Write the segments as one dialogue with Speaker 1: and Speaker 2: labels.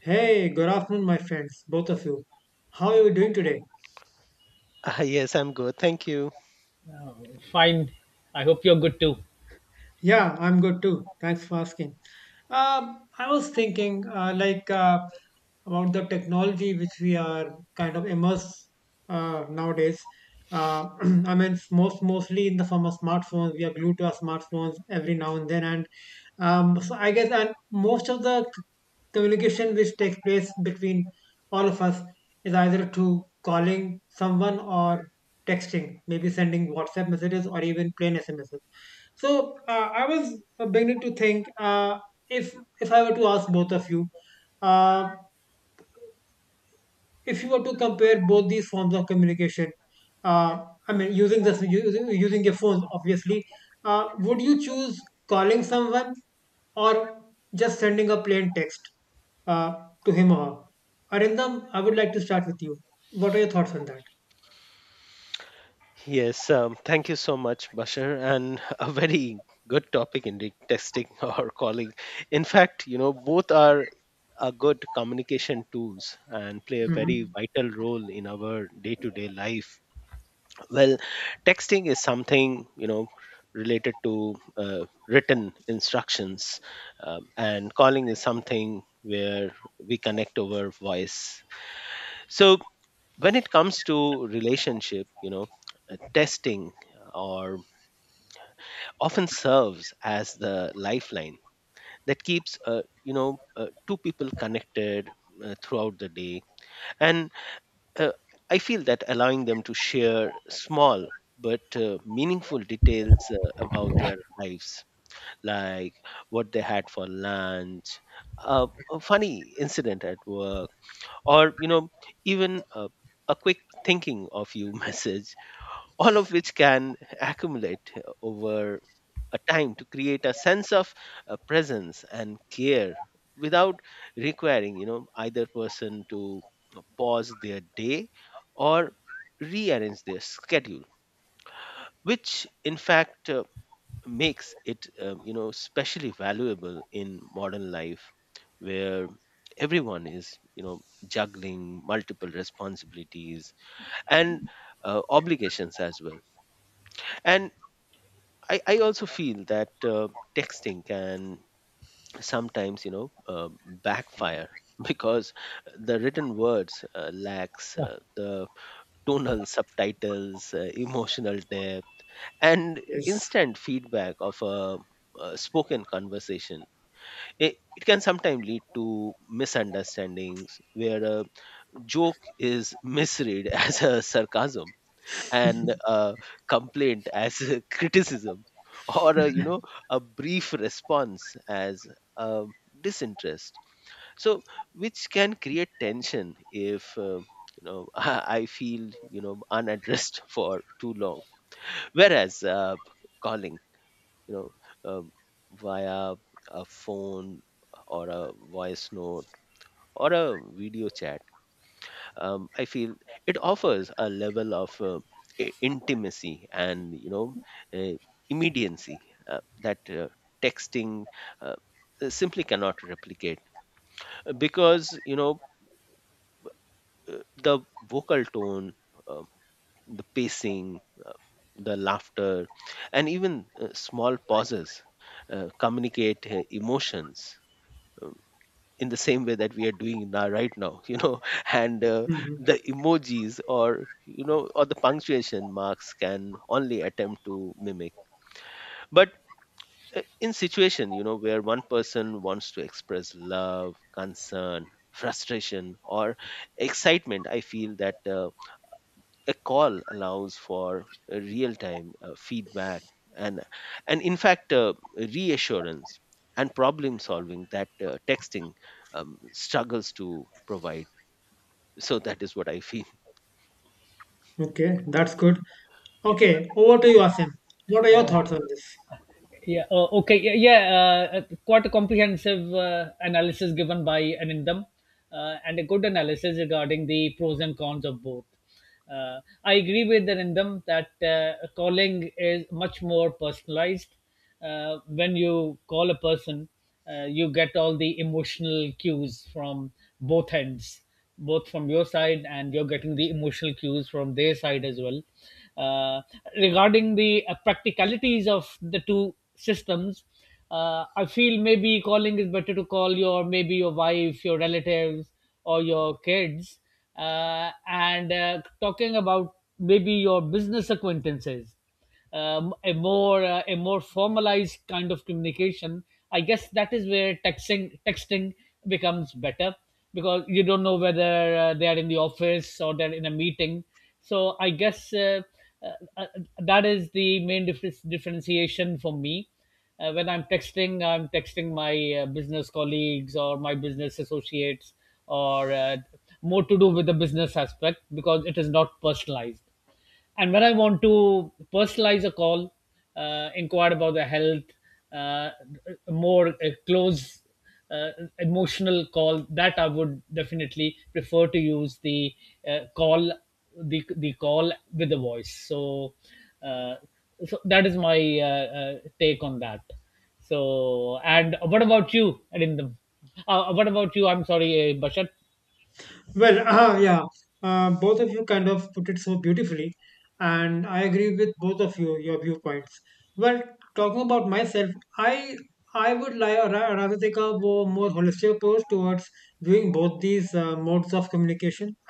Speaker 1: Hey, good afternoon, my friends, both of you. How are you doing today?
Speaker 2: Ah, yes, I'm good. Thank you.
Speaker 3: Fine. I hope you're good too.
Speaker 1: Yeah, I'm good too. Thanks for asking. I was thinking, about the technology which we are kind of immersed nowadays. Uh, I mean, it's mostly in the form of smartphones. We are glued to our smartphones every now and then, and So I guess, and most of the communication which takes place between all of us is either through calling someone or texting, maybe sending WhatsApp messages or even plain SMS. So I was beginning to think, if I were to ask both of you, uh, if you were to compare both these forms of communication, uh, I mean, using your phones, obviously, would you choose calling someone or just sending a plain text uh, to him or her? Arindam, I would like to start with you. What are your thoughts on that?
Speaker 2: Yes, thank you so much, Bashar, and a very good topic indeed, testing or calling. In fact, you know, both are a good communication tools and play a very
Speaker 1: Hmm.
Speaker 2: vital role in our day-to-day life. Well, texting is something you know related to written instructions, and calling is something where we connect over voice. So when it comes to relationship you know testing or often serves as the lifeline that keeps you know two people connected throughout the day and uh, I feel that allowing them to share small but meaningful details about their lives, like what they had for lunch, a funny incident at work, or you know even a quick thinking of you message, all of which can accumulate over a time to create a sense of presence and care without requiring you know either person to pause their day or rearrange their schedule, which in fact makes it you know specially valuable in modern life where everyone is you know juggling multiple responsibilities and obligations as well. And I also feel that texting can sometimes, you know, backfire because the written words lacks
Speaker 3: Uh,
Speaker 2: the tonal subtitles, emotional depth, and
Speaker 1: Yes.
Speaker 2: instant feedback of a, spoken conversation. It can sometimes lead to misunderstandings where a joke is misread as a sarcasm, and complaint as a criticism, or a, you know, a brief response as um, disinterest, so which can create tension if you know I feel you know unaddressed for too long, whereas calling you know uh, via a phone or a voice note or a video chat, I feel it offers a level of intimacy and you know uh, immediacy that texting uh, simply cannot replicate. Because you know the vocal tone, uh, the pacing, uh, the laughter, and even small pauses communicate emotions uh, in the same way that we are doing now right now you know. And
Speaker 1: Hmm.
Speaker 2: the emojis or you know or the punctuation marks can only attempt to mimic, but in situation you know where one person wants to express love, concern, frustration or excitement, I feel that a call allows for real time feedback and and in fact reassurance and problem solving that texting struggles to provide. So that is what I feel.
Speaker 1: Okay, that's good. Okay, over to you, Asim. What are your thoughts on this?
Speaker 3: yeah. Okay. Yeah, Quite a comprehensive analysis given by Anindam, and a good analysis regarding the pros and cons of both. I agree with Anindam that calling is much more personalized. When you call a person, you get all the emotional cues from both ends, both from your side, and you're getting the emotional cues from their side as well. uh, Regarding the practicalities of the two systems, I feel maybe calling is better to call your, maybe your wife, your relatives, or your kids. And Talking about maybe your business acquaintances, a more formalized kind of communication, I guess that is where texting becomes better, because you don't know whether they are in the office or they're in a meeting. So I guess uh, uh, that is the main differentiation for me. When I'm texting, I'm texting my business colleagues or my business associates, or more to do with the business aspect, because it is not personalized. And when I want to personalize a call, inquire about their health, uh, more close uh, emotional call, that I would definitely prefer to use the call, the call with the voice. So, uh, that is my take on that. So, and what about you, Arindam? What about you? I'm sorry, Bashar.
Speaker 1: Well, both of you kind of put it so beautifully, and I agree with both of you your viewpoints. Well, talking about myself, I I would rather take a more holistic approach towards viewing both these modes of communication.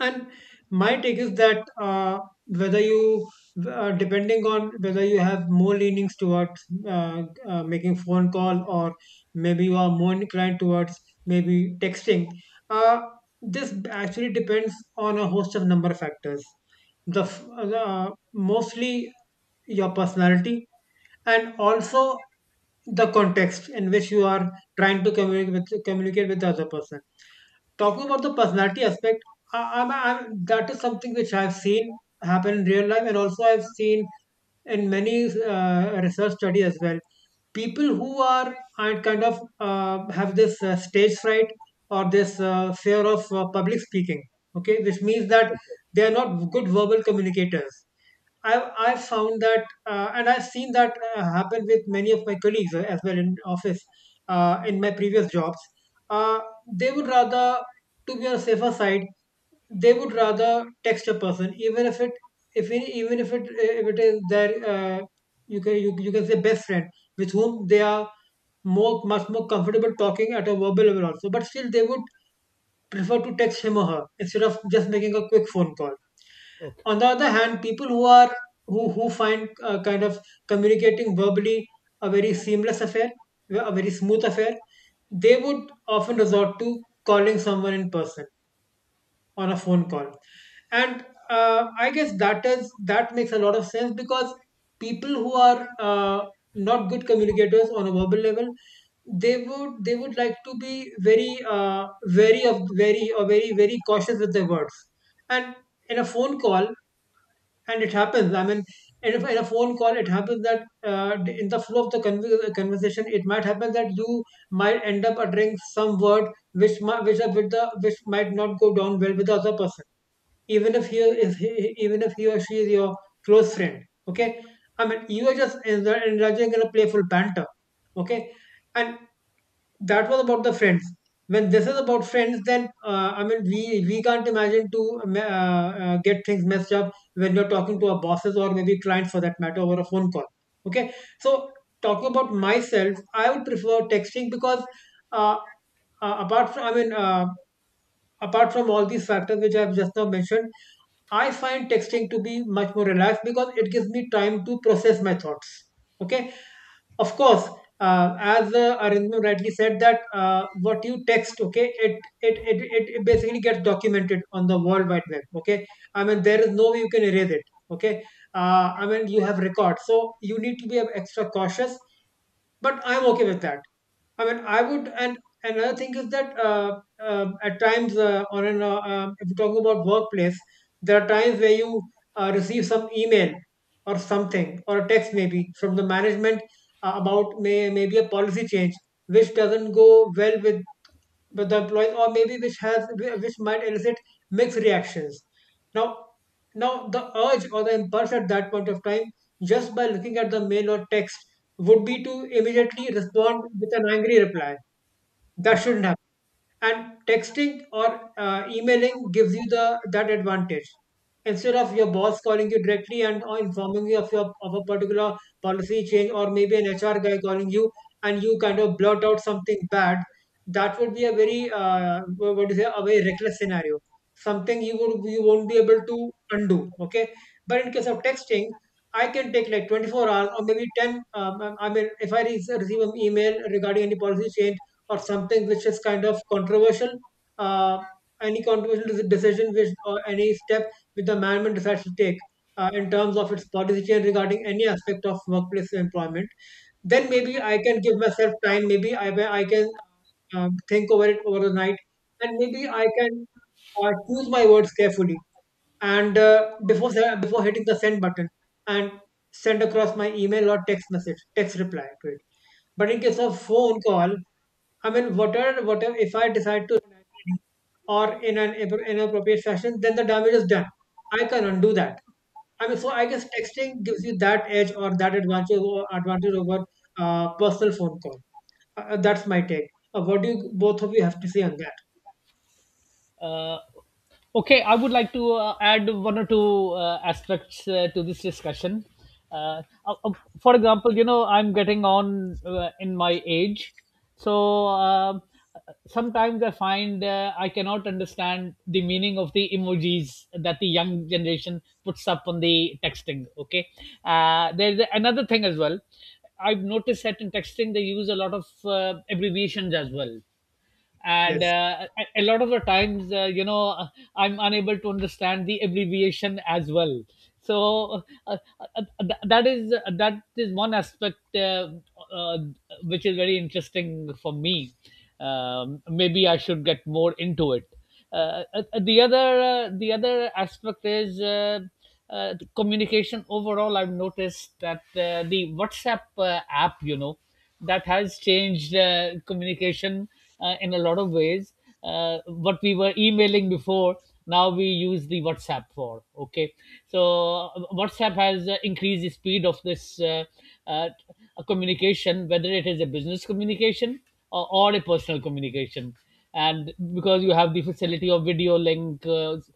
Speaker 1: And my take is that, whether you, depending on whether you have more leanings towards making phone call, or maybe you are more inclined towards maybe texting. uh, this actually depends on a host of number of factors. Mostly your personality, and also the context in which you are trying to communicate with the other person. Talking about the personality aspect, that is something which I've seen happen in real life, and also I've seen in many research study as well. People who are have this stage fright or this fear of public speaking, okay, which means that they are not good verbal communicators. I've found that, and I've seen that happen with many of my colleagues as well in office in my previous jobs. Uh, they would rather, to be on a safer side, they would rather text a person, even if it, even if it is their you you can say best friend, with whom they are more much more comfortable talking at a verbal level also, but still they would prefer to text him or her instead of just making a quick phone call.
Speaker 3: Okay.
Speaker 1: On the other hand, people who are who find communicating verbally a very seamless affair, a very smooth affair, they would often resort to calling someone in person on a phone call. And I guess that is that makes a lot of sense, because people who are not good communicators on a verbal level, they would like to be very uh, very very cautious with their words. And in a phone call, and it happens, I mean, in a phone call it happens that, uh, in the flow of the conversation, it might happen that you might end up uttering some word which might which, are with the, which might not go down well with the other person, even if even if he or she is your close friend, okay. I mean, you are just indulging in a playful banter, okay. And that was about the friends. When this is about friends, then I mean, we can't imagine to get things messed up when you're talking to our bosses, or maybe clients for that matter, over a phone call, okay. So, talking about myself, I would prefer texting, because uh, uh, apart from i mean uh, apart from all these factors which I've just now mentioned, I find texting to be much more relaxed because it gives me time to process my thoughts. Okay. Of course, as Arindam rightly said, that what you text, okay, it basically gets documented on the World Wide Web. Okay, I mean there is no way you can erase it. Okay. I mean, you have records, so you need to be extra cautious. But I'm okay with that. I mean, I would, and another thing is that, at times, if you talk about workplace, there are times where you receive some email or something, or a text, maybe from the management, about may maybe a policy change which doesn't go well with the employees, or maybe which has which might elicit mixed reactions. Now, now the urge or the impulse at that point of time, just by looking at the mail or text, would be to immediately respond with an angry reply. That
Speaker 3: Okay.
Speaker 1: shouldn't. And texting or emailing gives you the that advantage, instead of your boss calling you directly and or informing you of your of a particular policy change, or maybe an HR guy calling you, and you kind of blurt out something bad. That would be a very what do you say, a very reckless scenario, something you would you won't be able to undo, okay. But in case of texting, I can take like 24 hours, or maybe 10. I mean, if I receive an email regarding any policy change, or something which is kind of controversial. Uh, any controversial decision which, or any step which the management decides to take in terms of its policy change regarding any aspect of workplace employment, then maybe I can give myself time. Maybe I can think over it over the night, and maybe I can choose my words carefully, and before hitting the send button, and send across my email or text reply to it. But in case of phone call, I mean, whatever if I decide to, or in an inappropriate fashion, then the damage is done. I can undo that. I mean, so I guess texting gives you that edge, or that advantage over personal phone call. That's my take. What do you both of you have to say on that?
Speaker 3: Uh, okay, I would like to add one or two aspects to this discussion. Uh, uh, uh, for example, you know, I'm getting on in my age, so sometimes I find I cannot understand the meaning of the emojis that the young generation puts up on the texting. Okay, there's another thing as well. I've noticed that in texting they use a lot of abbreviations as well, and
Speaker 1: Yes,
Speaker 3: a lot of the times I'm unable to understand the abbreviation as well. So that is one aspect, uh, which is very interesting for me. Maybe I should get more into it. The other the other aspect is communication overall. I've noticed that the WhatsApp app, you know, that has changed communication in a lot of ways. What we were emailing before, now we use the WhatsApp for. Okay, so WhatsApp has increased the speed of this uh, communication, whether it is a business communication or a personal communication. And because you have the facility of video link, uh, s-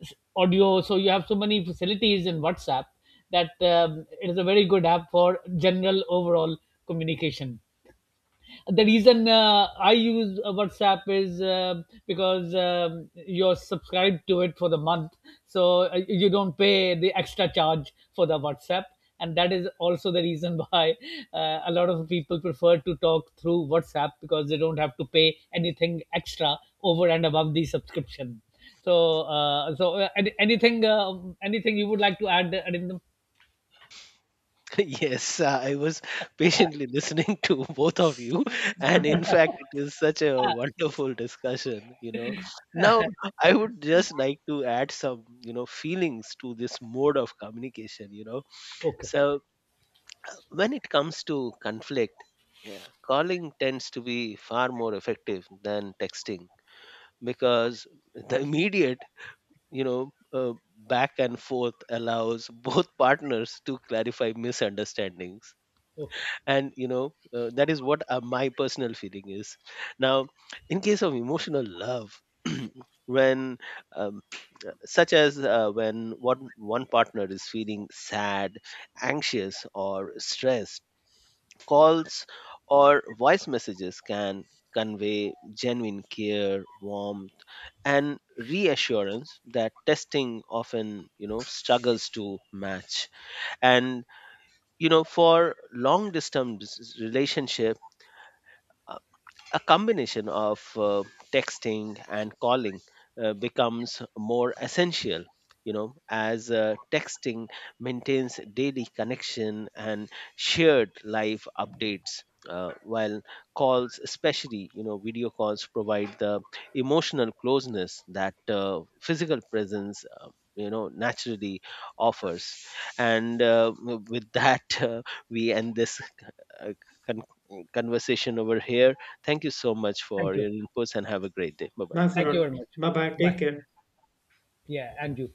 Speaker 3: s- audio, so you have so many facilities in WhatsApp that it is a very good app for general overall communication. The reason I use WhatsApp is because you're subscribed to it for the month, so you don't pay the extra charge for the WhatsApp. And that is also the reason why a lot of people prefer to talk through WhatsApp, because they don't have to pay anything extra over and above the subscription. So, anything, anything you would like to add, Arindam?
Speaker 2: Yes, I was patiently listening to both of you, and in fact, it is such a wonderful discussion. You know, now I would just like to add some, you know, feelings to this mode of communication. You know,
Speaker 3: Okay.
Speaker 2: so when it comes to conflict, yeah, calling tends to be far more effective than texting because the immediate, you know, back and forth allows both partners to clarify misunderstandings.
Speaker 3: Okay.
Speaker 2: And you know that is what my personal feeling is. Now in case of emotional love when um, such as when one partner is feeling sad, anxious or stressed, calls or voice messages can convey genuine care, warmth and reassurance that testing often you know struggles to match. And you know for long distance relationship, a combination of texting and calling becomes more essential, you know, as texting maintains daily connection and shared live updates, while calls, especially you know video calls, provide the emotional closeness that physical presence you know naturally offers. And with that we end this uh, con- conversation over here. Thank you so much
Speaker 3: Thank
Speaker 2: for
Speaker 3: you.
Speaker 2: your inputs and have a great day. Bye bye.
Speaker 1: thanks a
Speaker 3: Thank
Speaker 1: lot.
Speaker 3: you very much.
Speaker 1: Bye bye. Take
Speaker 3: Bye.
Speaker 1: care.
Speaker 3: Yeah, and you.